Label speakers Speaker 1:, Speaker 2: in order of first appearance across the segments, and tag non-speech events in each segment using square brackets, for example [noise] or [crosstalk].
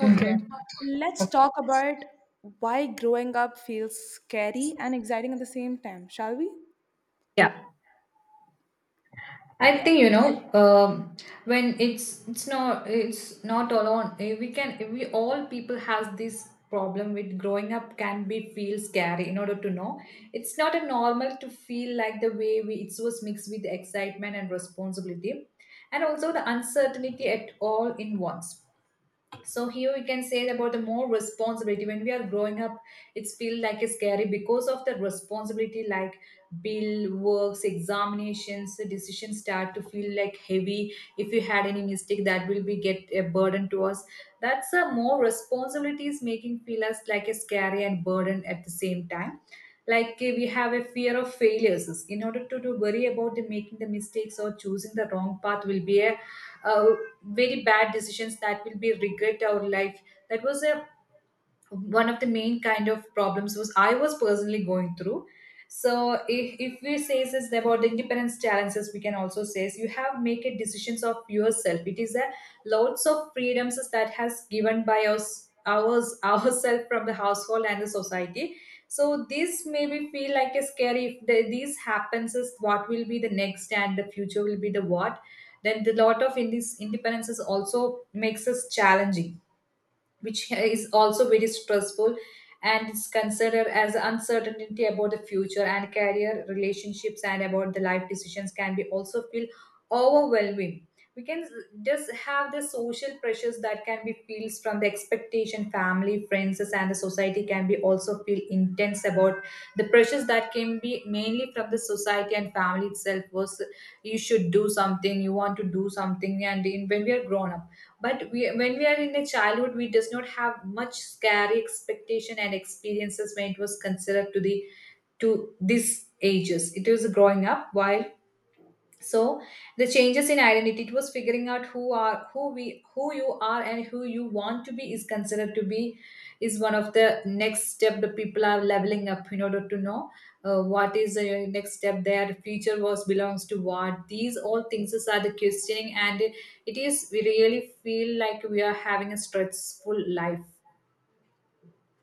Speaker 1: Okay,
Speaker 2: Mm-hmm.
Speaker 1: let's talk about why growing up feels scary and exciting at the same time, shall we?
Speaker 2: Yeah,
Speaker 1: Yeah.
Speaker 2: I think when it's not alone. We all people has this problem with growing up can be feel scary in order to know it's not a normal to feel like the way we it was mixed with excitement and responsibility and also the uncertainty at all in once, so here we can say about the more responsibility when we are growing up. It's feel like it's scary because of the responsibility like bill works, examinations. The decisions start to feel like heavy if you had any mistake that will be get a burden to us. That's a more responsibilities making feel us like a scary and burden at the same time. Like we have a fear of failures in order to worry about the making the mistakes or choosing the wrong path will be a uh, very bad decisions that will be regret our life. That was a one of the main kind of problems was I was personally going through. So if we say this about the independence challenges, we can also say is you have make a decisions of yourself. It is a lots of freedoms that has given by us ours [laughs] ourselves from the household and the society. So this maybe feel like a scary if these happens is what will be the next and the future will be the what. Then the lot of in these independences also makes us challenging, which is also very stressful, and is considered as uncertainty about the future and career relationships and about the life decisions can be also feel overwhelming. We can just have the social pressures that can be feels from the expectation family friends and the society can be also feel intense about the pressures that can be mainly from the society and family itself was you should do something you want to do something and when we are grown up but when we are in a childhood we does not have much scary expectation and experiences when it was considered to the to these ages it was growing up while, so the changes in identity it was figuring out who are who we who you are and who you want to be is considered to be is one of the next step the people are leveling up in order to know what is the next step their future was belongs to what these all things is are the questioning and it is we really feel like we are having a stressful life.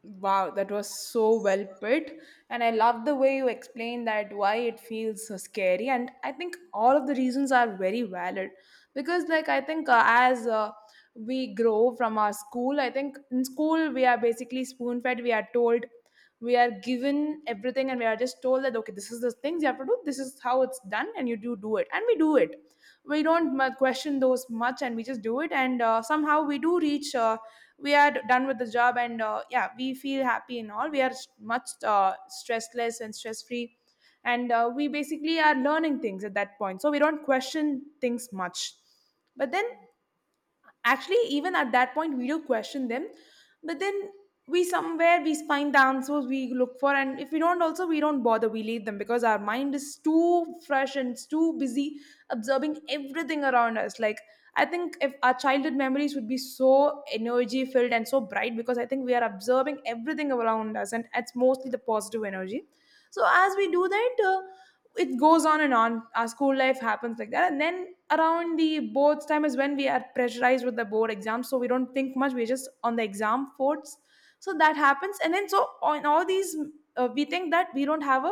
Speaker 1: Wow, that was so well put. And I love the way you explained that why it feels so scary. And I think all of the reasons are very valid because, like, I think as we grow from our school. I think in school we are basically spoon fed, we are told. We are given everything and we are just told that okay, this is the things you have to do, this is how it's done, and you do do it and we do it. We don't mu- question those much and we just do it. And somehow we do reach. We are done with the job and yeah, we feel happy and all. We are much stressless and stress free. And we basically are learning things at that point, so we don't question things much. But then actually, even at that point, we do question them. But then we somewhere we find the answers we look for, and if we don't, also we don't bother, we leave them because our mind is too fresh and it's too busy observing everything around us. Like, I think if our childhood memories would be so energy filled and so bright, because I think we are observing everything around us and it's mostly the positive energy. So as we do that, it goes on and on. Our school life happens like that, and then around the boards time is when we are pressurized with the board exams, so we don't think much, we're just on the exam boards. So that happens, and then so on. All these, we think that we don't have a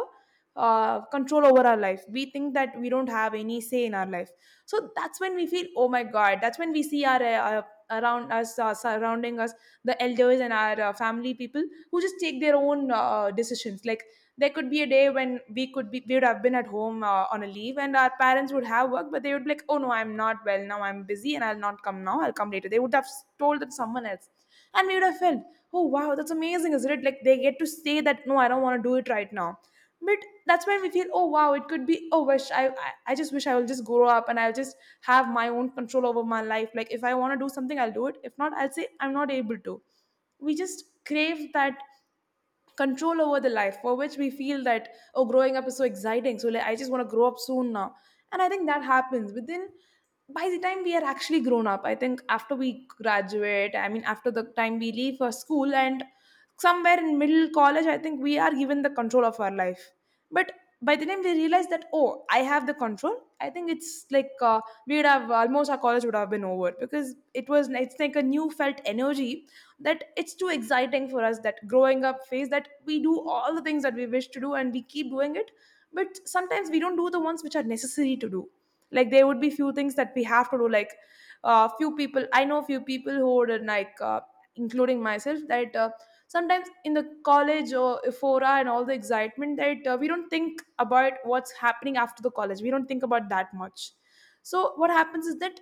Speaker 1: control over our life. We think that we don't have any say in our life. So that's when we feel, oh my god. That's when we see our around us, surrounding us, the elders and our family people, who just take their own decisions. Like, there could be a day when we could be we would have been at home on a leave and our parents would have work, but they would be like, oh no, I'm not well now, I'm busy and I'll not come now, I'll come later. They would have told that to someone else. And we would have felt, oh wow, that's amazing, isn't it? Like, they get to say that, no, I don't want to do it right now. But that's when we feel, oh wow, it could be, oh, wish I just wish I will just grow up and I'll just have my own control over my life. Like, if I want to do something, I'll do it. If not, I'll say I'm not able to. We just crave that control over the life, for which we feel that, oh, growing up is so exciting. So like, I just want to grow up soon now. And I think that happens within. By the time we are actually grown up, I think after we graduate, I mean after the time we leave for school and somewhere in middle college, I think we are given the control of our life. But by the time we realize that, oh, I have the control, I think it's like we'd have almost, our college would have been over. Because it's like a new felt energy, that it's too exciting for us, that growing up phase, that we do all the things that we wish to do and we keep doing it. But sometimes we don't do the ones which are necessary to do. Like, there would be few things that we have to do. Like, few people I know, few people who would like, including myself, that sometimes in the college or ephora and all the excitement, that we don't think about what's happening after the college, we don't think about that much. So what happens is that,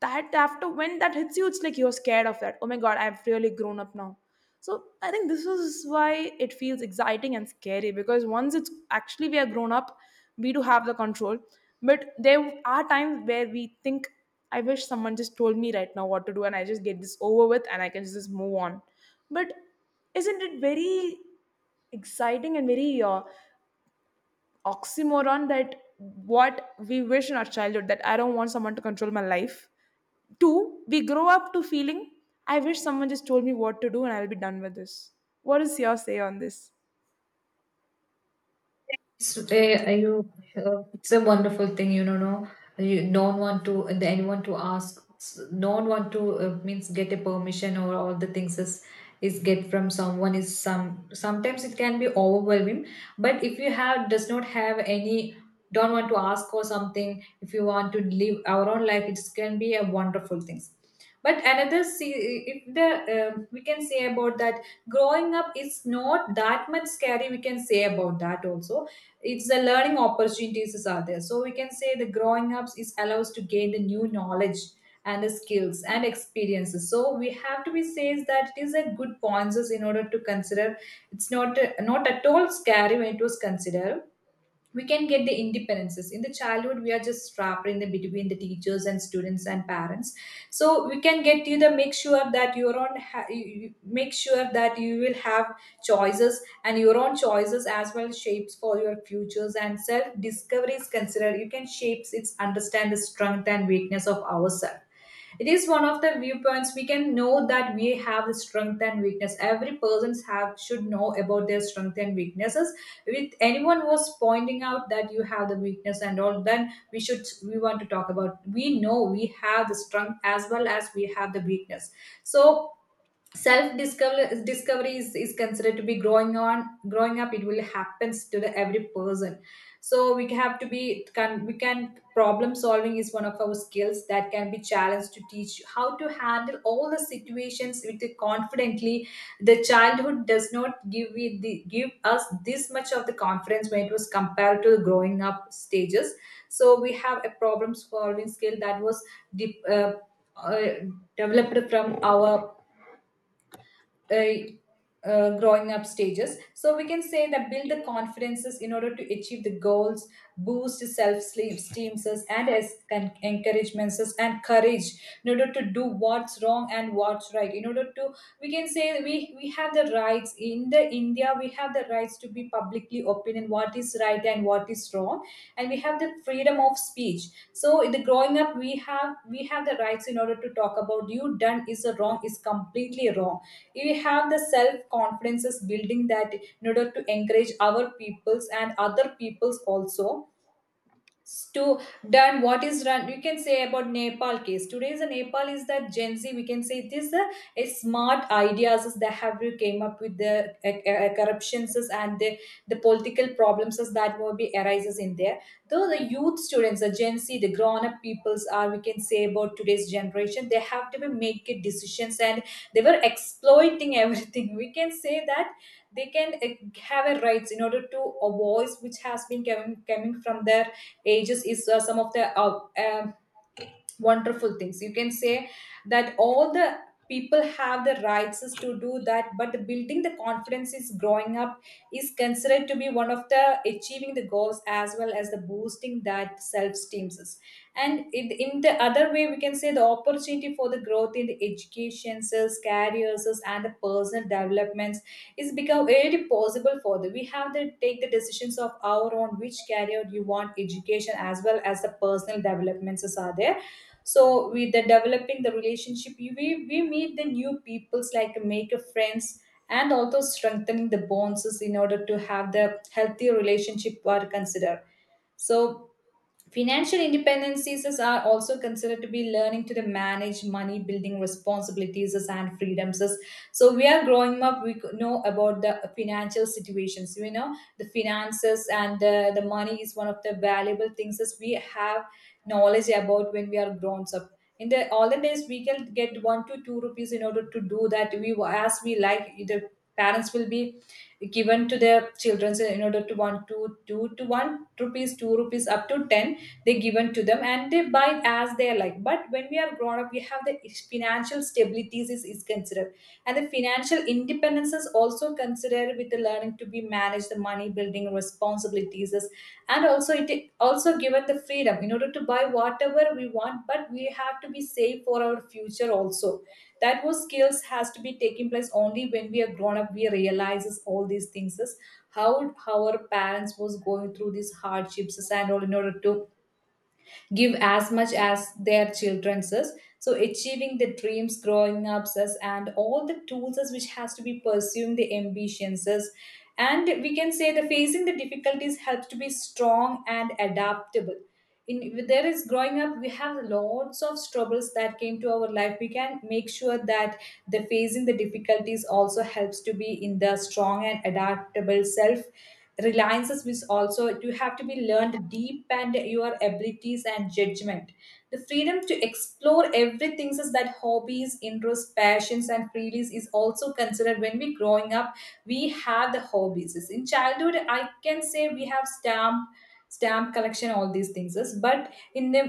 Speaker 1: that after, when that hits you, it's like you're scared of that, oh my god, I've really grown up now. So I think this is why it feels exciting and scary, because once it's actually, we are grown up, we do have the control. But there are times where we think, I wish someone just told me right now what to do, and I just get this over with and I can just move on. But isn't it very exciting and very oxymoron, that what we wish in our childhood, that I don't want someone to control my life. Two, we grow up to feeling, I wish someone just told me what to do and I'll be done with this. What is your say on this?
Speaker 2: So, it's a wonderful thing. No, no one want to anyone to ask. No one want to means get a permission or all the things is get from someone is some. Sometimes it can be overwhelming, but if you have does not have any don't want to ask or something. If you want to live our own life, it can be a wonderful things. But another see if the we can say about that growing up is not that much scary. We can say about that also it's the learning opportunities are there, so we can say the growing ups is allows to gain the new knowledge and the skills and experiences, so we have to be says that it is a good points in order to consider. It's not at all scary when it was considered. We can get the independences. In the childhood, we are just trapped in the between the teachers and students and parents, so we can get you the make sure that your own make sure that you will have choices and your own choices as well shapes for your futures. And self discovery is considered you can shapes its understand the strength and weakness of ourselves. It is one of the viewpoints we can know that we have the strength and weakness. Every persons have should know about their strength and weaknesses. With anyone who was pointing out that you have the weakness and all, then we should we want to talk about we know we have the strength as well as we have the weakness. So self discovery is considered to be growing on growing up. It will happens to the every person. So we have to be can we can problem solving is one of our skills that can be challenged to teach you how to handle all the situations with the confidently. The childhood does not give we the, give us this much of the confidence when it was compared to the growing up stages. So we have a problem solving skill that was deep, uh, uh, developed from our uh, growing up stages. So we can say that build the confidences in order to achieve the goals, boost self esteem, and and encouragements and courage in order to do what's wrong and what's right. In order to, we can say we have the rights. In the India, we have the rights to be publicly opinion what is right and what is wrong, and we have the freedom of speech. So in the growing up, we have the rights in order to talk about you done is a wrong is completely wrong. We have the self confidence is building that in order to encourage our peoples and other peoples also to done what is done. You can say about Nepal case. Today is a Nepal is that Gen Z, we can say it is a smart ideas is that have you came up with the corruptions is and the political problems is that will be arises in there. Though the youth students the Gen Z the grown-up peoples are, we can say about today's generation they have to be making decisions and they were exploiting [laughs] everything, we can say that they can have a rights in order to a voice which has been coming from there ages is some of the wonderful things you can say that all the people have the rights to do that. But the building the confidence is growing up is considered to be one of the achieving the goals as well as the boosting that self-esteems is. And in the other way we can say the opportunity for the growth in the education is, careers and the personal developments is become very possible for the we have to take the decisions of our own, which career you want, education as well as the personal developments are there. So with the developing the relationship we meet the new peoples like make a friends and also strengthening the bonds is in order to have the healthy relationship are considered. So financial independencies are also considered to be learning to the manage money, building responsibilities and freedoms. So we are growing up, we could know about the financial situations. We know, the finances and the money is one of the valuable things as we have knowledge about when we are grown up. In the olden days, we can get 1 to 2 rupees in order to do that. We as we like, the parents will be given to their children in order to 1 to 2 to 1 rupees, 2 rupees up to 10 they given to them and they buy as they like, but when we are grown up we have the financial stabilities is considered, and the financial independence is also considered with the learning to be managed the money building responsibilities is- and also it also given the freedom in order to buy whatever we want, but we have to be safe for our future also. That was skills has to be taking place only when we are grown up we realizes all these things is how our parents was going through these hardships and all in order to give as much as their children's is. So achieving the dreams, growing ups us, and all the tools us which has to be pursuing the ambitions us. And we can say the facing the difficulties helps to be strong and adaptable. In there is growing up, we have lots of troubles that came to our life. We can make sure that the facing the difficulties also helps to be in the strong and adaptable self reliances means also you have to be learned deep and your abilities and judgment the freedom to explore everything such that hobbies interests passions and freebies is also considered when we growing up we have the hobbies in childhood. I can say we have stamp collection all these things but in the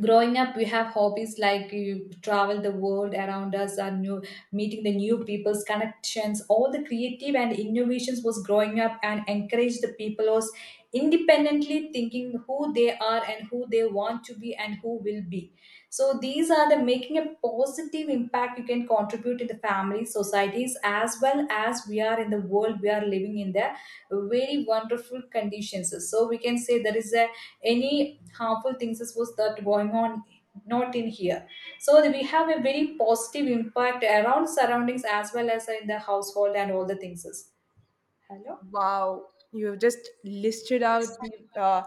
Speaker 2: growing up we have hobbies like you travel the world around us and new meeting the new people's connections all the creative and innovations was growing up and encourage the people was independently thinking who they are and who they want to be and who will be. So these are the making a positive impact you can contribute in the family societies as well as we are in the world we are living in the very wonderful conditions. So we can say there is a any harmful things is was that going on not in here. So we have a very positive impact around surroundings as well as in the household and all the things is. Hello.
Speaker 1: Wow, you've just listed out the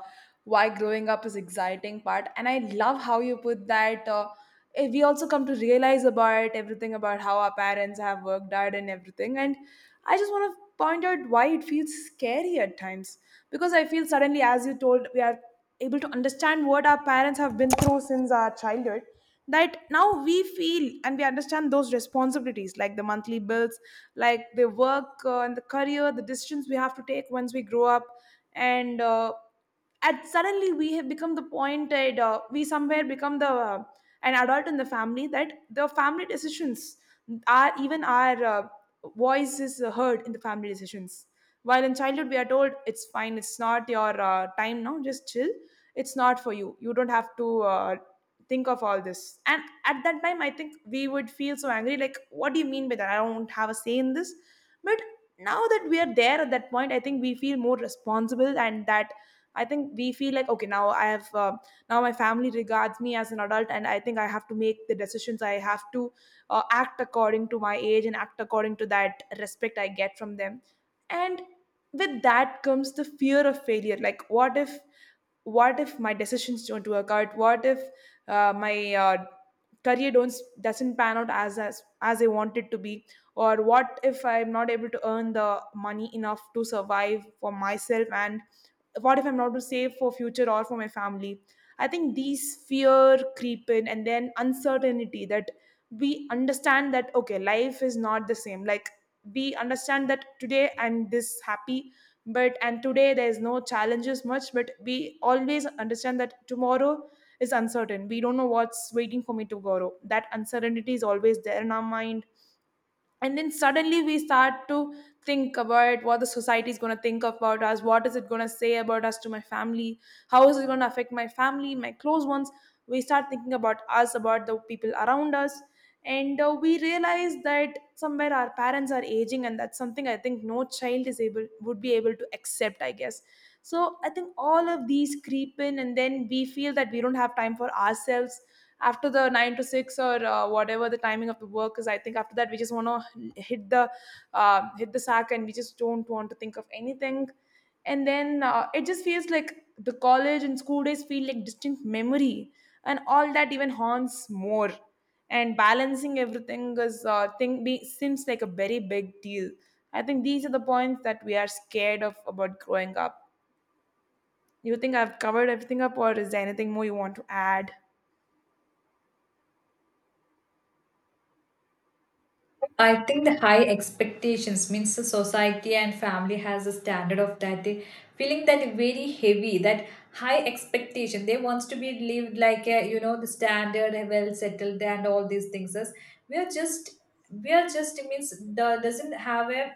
Speaker 1: why growing up is exciting part, and I love how you put that. We also come to realize about everything, about how our parents have worked out and everything. And I just want to point out why it feels scary at times, because I feel suddenly, as you told, we are able to understand what our parents have been through since our childhood. That now we feel and we understand those responsibilities, like the monthly bills, like the work and the career, the decisions we have to take once we grow up. And at suddenly we have become the point at we somewhere become the an adult in the family, that the family decisions, our even our voice is heard in the family decisions. While in childhood, we are told it's fine, it's not your time now, just chill. It's not for you. You don't have to think of all this. And at that time, I think we would feel so angry. Like, what do you mean by that? I don't have a say in this. But now that we are there at that point, I think we feel more responsible. And that, I think we feel like, okay, now I have now my family regards me as an adult, and I think I have to make the decisions, I have to act according to my age and act according to that respect I get from them. And with that comes the fear of failure. Like, what if, what if my decisions don't work out, what if my career don't doesn't pan out as as I want it to be, or what if I'm not able to earn the money enough to survive for myself, and what if I'm not to save for future or for my family. I think these fear creep in, and then uncertainty that we understand that, okay, life is not the same. Like, we understand that today I'm this happy, but, and today there's no challenges much, but we always understand that tomorrow is uncertain. We don't know what's waiting for me tomorrow. That uncertainty is always there in our mind. And then suddenly we start to think about what the society is going to think about us, what is it going to say about us, to my family, how is it going to affect my family, my close ones. We start thinking about us, about the people around us. And we realize that somewhere our parents are aging, and that's something, I think no child is able would be able to accept, I guess. So I think all of these creep in, and then we feel that we don't have time for ourselves after the 9 to 6, or whatever the timing of the work is. I think after that we just want to hit the hit the sack, and we just don't want to think of anything. And then it just feels like the college and school days feel like distinct memory, and all that even haunts more. And balancing everything is seems like a very big deal. I think these are the points that we are scared of about growing up. You think I've covered everything up, or is there anything more you want to add?
Speaker 2: I think the high expectations means the society and family has a standard of that they feeling that very heavy that high expectation they wants to be lived like a, you know the standard a well settled and all these things is we are just we are just means the doesn't have a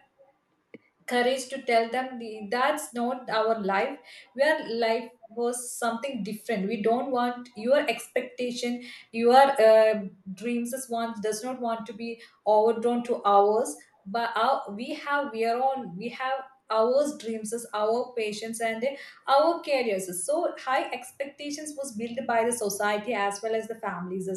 Speaker 2: courage to tell them the, that's not our life where life was something different. We don't want your expectation your uh, dreams is one does not want to be overdrawn to ours but our, we have we are on we have our dreams is our patience and our careers. So high expectations was built by the society as well as the families.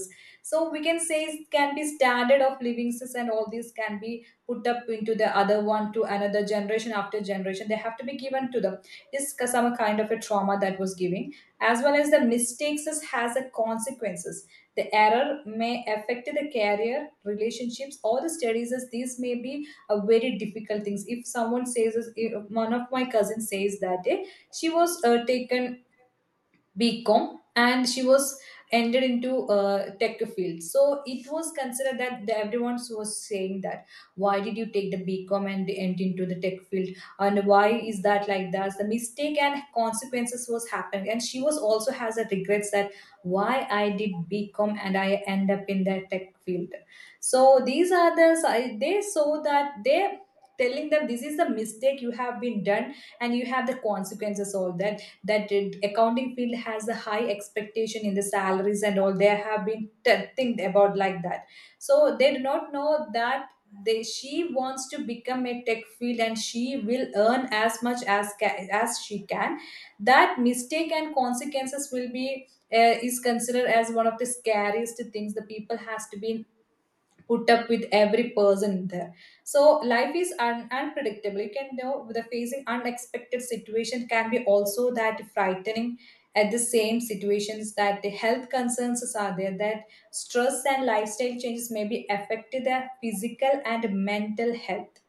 Speaker 2: So we can say it can be standard of living and all these can be put up into the other one to another generation after generation they have to be given to them. This is some kind of a trauma that was giving as well as the has a consequences the error may affect the career relationships or the studies as these may be a very difficult things. If someone says, if one of my cousins says that she was taken BCom and she was entered into tech field. So it was considered that the, everyone was saying that why did you take the BCom and enter into the tech field and why is that like that? The mistake and consequences was happening and she was also has a regrets that why I did BCom and I end up in the tech field. So these are they saw that they telling them this is the mistake you have been done and you have the consequences all that that it, accounting field has a high expectation in the salaries and all they have been think about like that. So they do not know that they she wants to become a tech field and she will earn as much as as she can. That mistake and consequences will be is considered as one of the scariest things the people has to be put up with every person there. So life is unpredictable. You can know the facing unexpected situation can be also that frightening at the same situations that the health concerns are there that stress and lifestyle changes may be affected their physical and mental health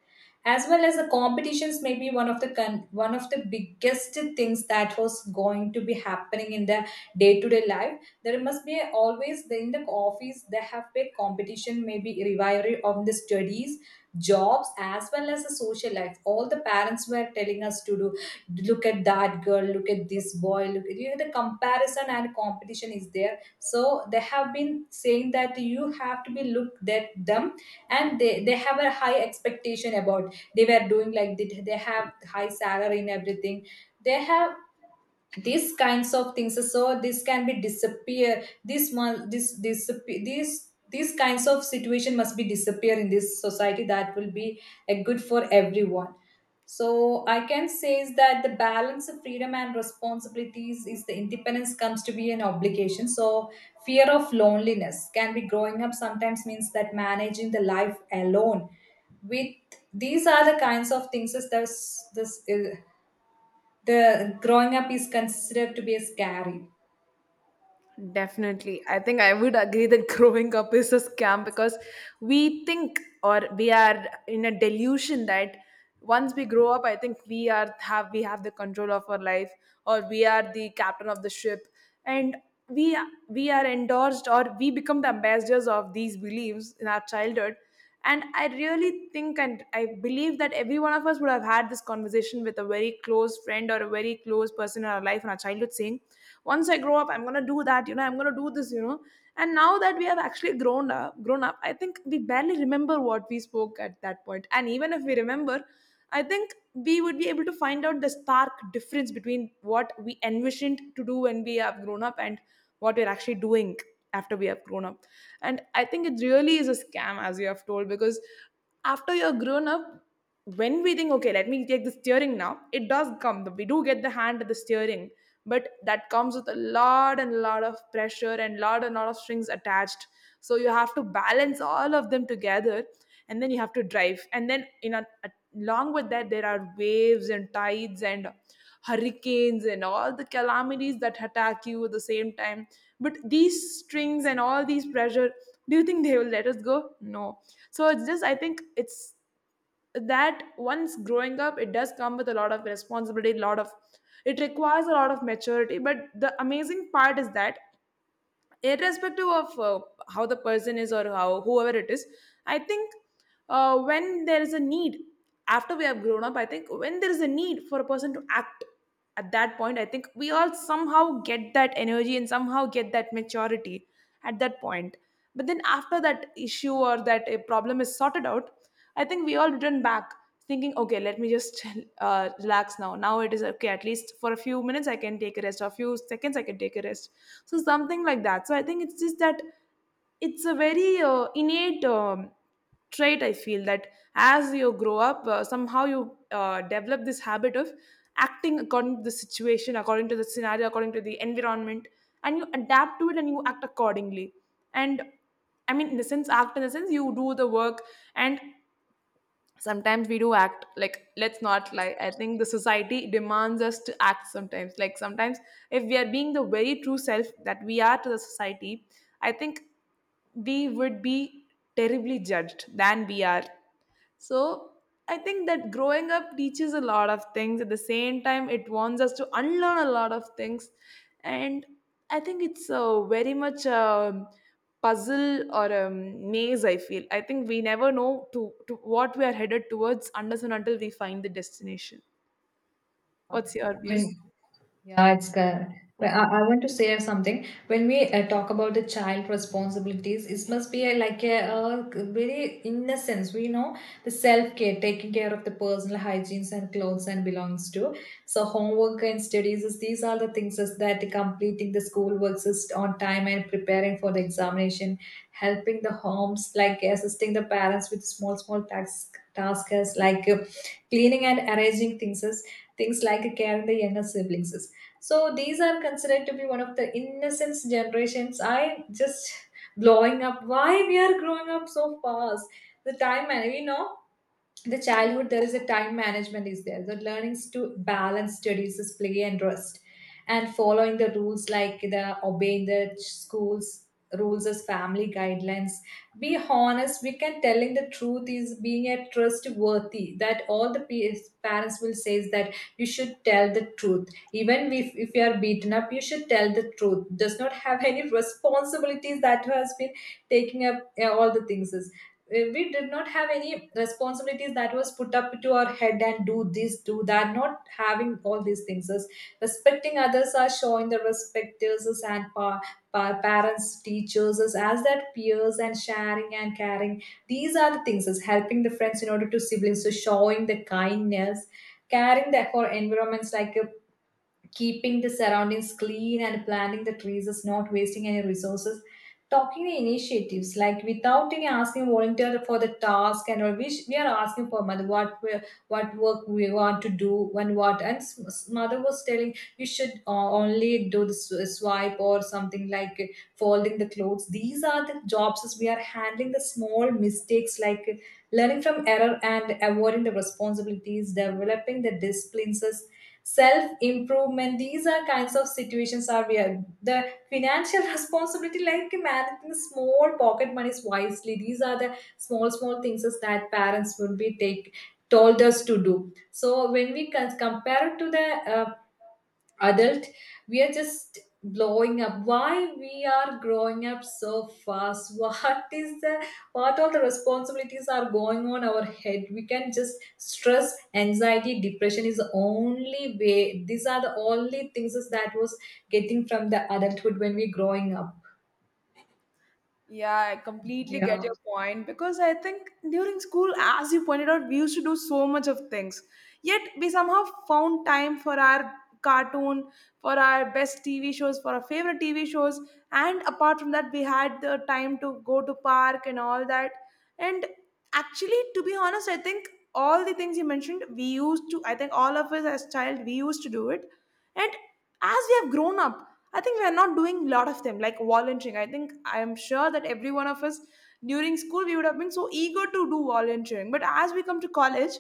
Speaker 2: as well as the competitions may be one of the biggest things that was going to be happening in the day to day life. There must be always in the office they have big competition maybe rivalry of the studies jobs as well as the social life. All the parents were telling us to do, look at that girl, look at this boy, look at, you know, the comparison and competition is there. So they have been saying that you have to be looked at them and they have a high expectation about they were doing like they have high salary and everything they have these kinds of things. So this can be disappear, this disappear, these kinds of situation must be disappear in this society that will be a good for everyone. So I can say is that the balance of freedom and responsibilities is the independence comes to be an obligation. So fear of loneliness can be growing up sometimes means that managing the life alone with these are the kinds of things is this is the growing up is considered to be scary.
Speaker 1: Definitely. I think I would agree that [laughs] growing up is a scam because we think or we are in a delusion that once we grow up, I think we have the control of our life, or we are the captain of the ship, and we we are endorsed, or we become the ambassadors of these beliefs in our childhood. And I really think and I believe that every one of us would have had this conversation with a very close friend or a very close person in our life in our childhood, saying, once I grow up I'm going to do that, I'm going to do this. And now that we have actually grown up, I think we barely remember what we spoke at that point. And even if we remember, I think we would be able to find out the stark difference between what we envisioned to do when we have grown up and what we're actually doing after we have grown up. And I think it really is a scam, as you have told, because after you're grown up, when we think, okay, let me take the steering now, it does come, we do get the hand at the steering, but that comes with a lot and lot of pressure and lot of strings attached. So you have to balance all of them together, and then you have to drive, and then along with that, there are waves and tides and hurricanes and all the calamities that attack you at the same time. But these strings and all these pressure, do you think they will let us go? No. So it's just, I think it's that once growing up, it does come with a lot of responsibility, a lot of, it requires a lot of maturity. But the amazing part is that irrespective of how the person is, or how whoever it is, I think, when there is a need, after we have grown up, I think when there is a need for a person to act, at that point, I think we all somehow get that energy and somehow get that maturity at that point. But then after that issue or that a problem is sorted out, I think we all return back, thinking, okay, let me just [laughs] relax now, it is okay, at least for a few minutes I can take a rest, or a few seconds I can take a rest. So something like that. So I think it's just that it's a very innate trait, I feel, that as you grow up, somehow you develop this habit of acting according to the situation, according to the scenario, according to the environment, and you adapt to it and you act accordingly. And I mean, in the sense act in the sense you do the work. And sometimes we do act, like, let's not lie, I think the society demands us to act sometimes, like sometimes, if we are being the very true self that we are to the society, I think we would be terribly judged than we are. So I think that growing up teaches a lot of things. At the same time, it wants us to unlearn a lot of things. And I think it's a very much a puzzle or a maze, I feel. I think we never know to what we are headed towards unless and until we find the destination. What's your view?
Speaker 2: When- yeah, it's good. Well, I want to share something. When we talk about the child responsibilities, it must be a, like a, very innocence. We know the self care, taking care of the personal hygienes and clothes and belongs to. So homework and studies is these are the things is that completing the schoolwork is on time and preparing for the examination, helping the homes like assisting the parents with small tasks like cleaning and arranging things things like care of the younger siblings. So these are considered to be one of the innocence generations. I just [laughs] blowing up why we are growing up so fast the time and you know the childhood there is a time management is there the learnings to balance studies is play and rest and following the rules like the schools rules as family guidelines. Be honest, we can telling the truth is being a trustworthy that parents will say is that you should tell the truth even if you are beaten up you should tell the truth does not have any responsibilities that has been taking up all the things. We did not have any responsibilities that was put up to our head and do this do that not having all these things is respecting others are showing the respect respecters us and parents teachers us as that peers and sharing and caring. These are the things is helping the friends in order to siblings. So showing the kindness caring that for environments like keeping the surroundings clean and planting the trees is not wasting any resources talking the initiatives like without any asking volunteer for the task and all we, we are asking for mother what we, what work we want to do and what and mother was telling you should only do the swipe or something like folding the clothes. These are the jobs as we are handling the small mistakes like learning from error and avoiding the responsibilities developing the disciplines self improvement. These are kinds of situations are where the financial [laughs] responsibility like managing small pocket monies wisely these are the small things is that parents would be take told us to do. So when we compare it to the adult, we are just blowing up why we are growing up so fast. [laughs] What is the what all the responsibilities are going on our head? We can just stress anxiety depression is the only way. These are the only things is that was getting from the adulthood when we growing up.
Speaker 1: Yeah, I completely get
Speaker 2: Yeah,
Speaker 1: your point, because I think during school, as you pointed out, we used to do so much of things. Yet we somehow found time for our cartoon, for our best TV shows, for our favorite TV shows, and apart from that, we had the time to go to park and all that. And actually, to be honest, I think all the things you mentioned, we used to. I think all of us as child, we used to do it. And as we have grown up, I think we are not doing a lot of them, like volunteering. I think I am sure that every one of us during school we would have been so eager to do volunteering, but as we come to college,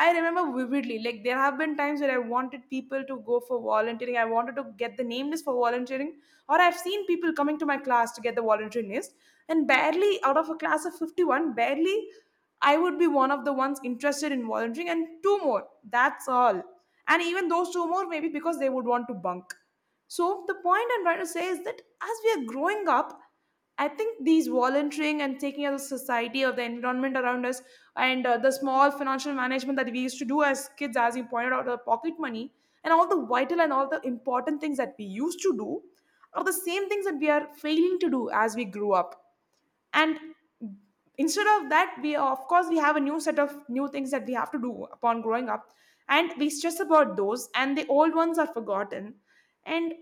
Speaker 1: I remember vividly, like there have been times where I wanted people to go for volunteering, I wanted to get the name list for volunteering, or I've seen people coming to my class to get the volunteering list. And barely out of a class of 51, barely I would be one of the ones interested in volunteering, and two more, that's all. And even those two more, maybe because they would want to bunk. So the point I'm trying to say is that as we are growing up, I think these volunteering and taking care of the society or the environment around us, and the small financial management that we used to do as kids, as you pointed out, the pocket money, and all the vital and all the important things that we used to do are the same things that we are failing to do as we grew up. And instead of that, we of course we have a new set of new things that we have to do upon growing up, and we stress about those, and the old ones are forgotten. And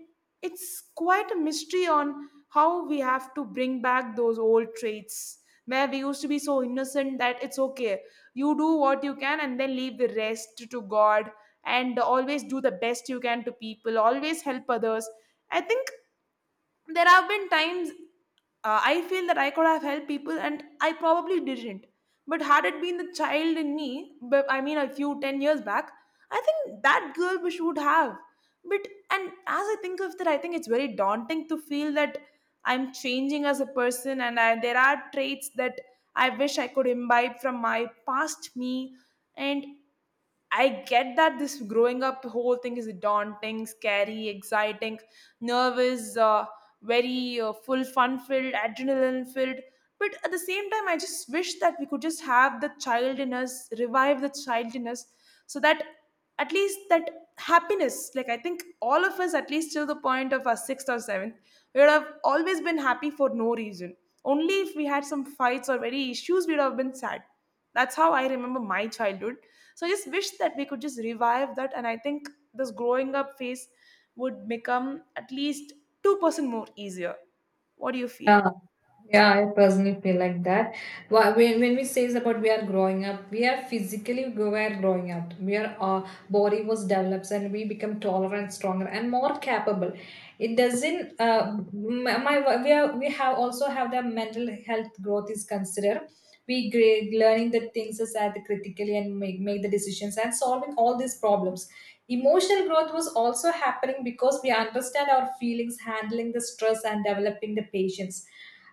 Speaker 1: it's quite a mystery on how we have to bring back those old traits, where we used to be so innocent that it's okay, you do what you can, and then leave the rest to god, and always do the best you can to people, always help others. I think there have been times, I feel that I could have helped people and I probably didn't. But had it been the child in me, but I mean a few 10 years back, I think that girl wish would have. But and as I think of that, I think it's very daunting to feel that I'm changing as a person, and there are traits that I wish I could imbibe from my past me. And I get that this growing up whole thing is daunting, scary, exciting, nervous, very full, fun filled, adrenaline filled. But at the same time, I just wish that we could just have the child in us, revive the child in us, so that at least that happiness, like I think all of us at least till the point of our sixth or seventh we would have always been happy for no reason, only if we had some fights or very issues we would have been sad. That's how I remember my childhood. So I just wish that we could just revive that, and I think this growing up phase would become at least 2% more easier. What do you feel?
Speaker 2: yeah. Yeah, I personally feel like that. When we say about we are growing up, we are physically we are growing up. We are our body was develops and we become taller and stronger and more capable. It doesn't. My we are we have also have the mental health growth is considered. We grade, learning the things is at critically and make the decisions and solving all these problems. Emotional growth was also happening because we understand our feelings, handling the stress, and developing the patience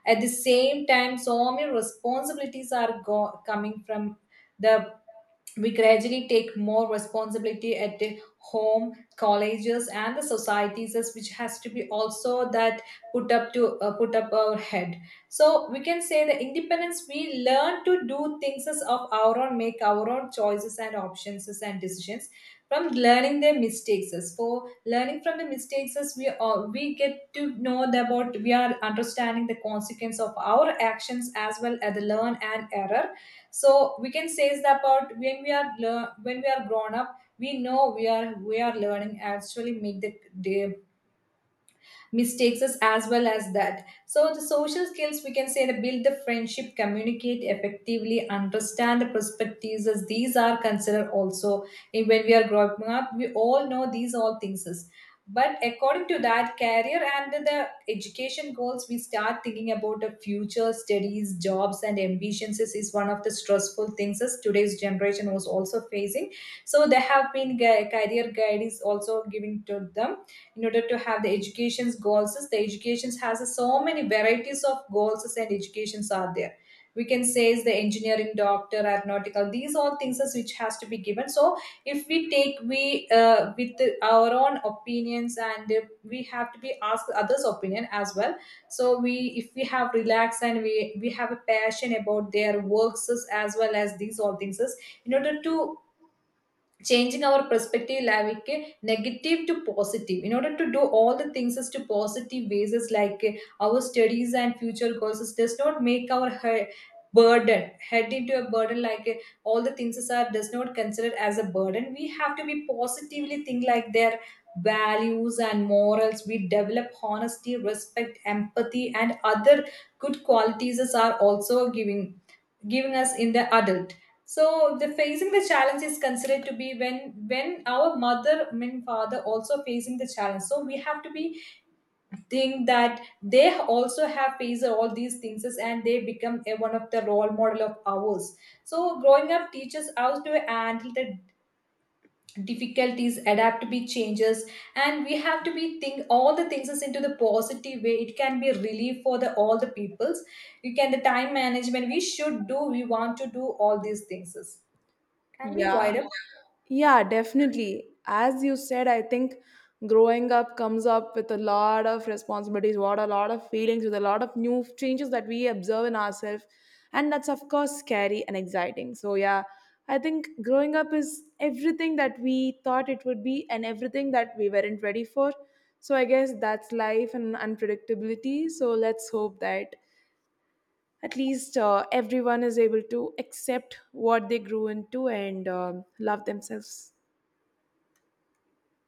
Speaker 2: at the same time. So many responsibilities are coming from the we gradually take more responsibility at the home colleges and the societies as which has to be also that put up to put up our head. So we can say the independence we learn to do things as of our own make our own choices and options as and decisions from learning their mistakes as for learning from the mistakes as we all we get to know that about we are understanding the consequence of our actions as well as the learn and error. So we can say is that about when we are grown up we know we are learning actually make the mistakes us as well as that. So the social skills we can say that build the friendship communicate effectively understand the perspectives as these are considered also in- when we are growing up we all know these all things is but according to that career and the education goals we start thinking about the future studies jobs and ambitions is one of the stressful things as today's generation was also facing. So they have been career guide is also giving to them in order to have the education's goals the educations has so many varieties of goals and educations are there. We can say is the engineering doctor aeronautical these all things is which has to be given. So if we take we with our own opinions and if we have to be asked others opinion as well. So we if we have relaxed and we have a passion about their works as well as these all things is, in order to changing our perspective like negative to positive in order to do all the things as to positive ways is like our studies and future goals is does not make our burden head into a burden like all the things is are does not consider as a burden. We have to be positively think like their values and morals we develop honesty respect empathy and other good qualities is are also giving us in the adult. So the facing the challenge is considered to be when our mother I father also facing the challenge. So we have to be think that they also have faced all these things and they become a, one of the role model of ours. So growing up teaches us to handle the difficulties adapt to be changes and we have to be think all the things is into the positive way it can be relief for the all the peoples. You can the time management we should do we want to do all these things is. Can we
Speaker 1: Yeah,
Speaker 2: wide up?
Speaker 1: yeah, definitely. As you said, I think growing up comes up with a lot of responsibilities, what a lot of feelings, with a lot of new changes that we observe in ourselves. And that's, of course, scary and exciting. So, yeah, I think growing up is everything that we thought it would be and everything that we weren't ready for. So, I guess that's life and unpredictability. So, let's hope that at least everyone is able to accept what they grew into, and love themselves.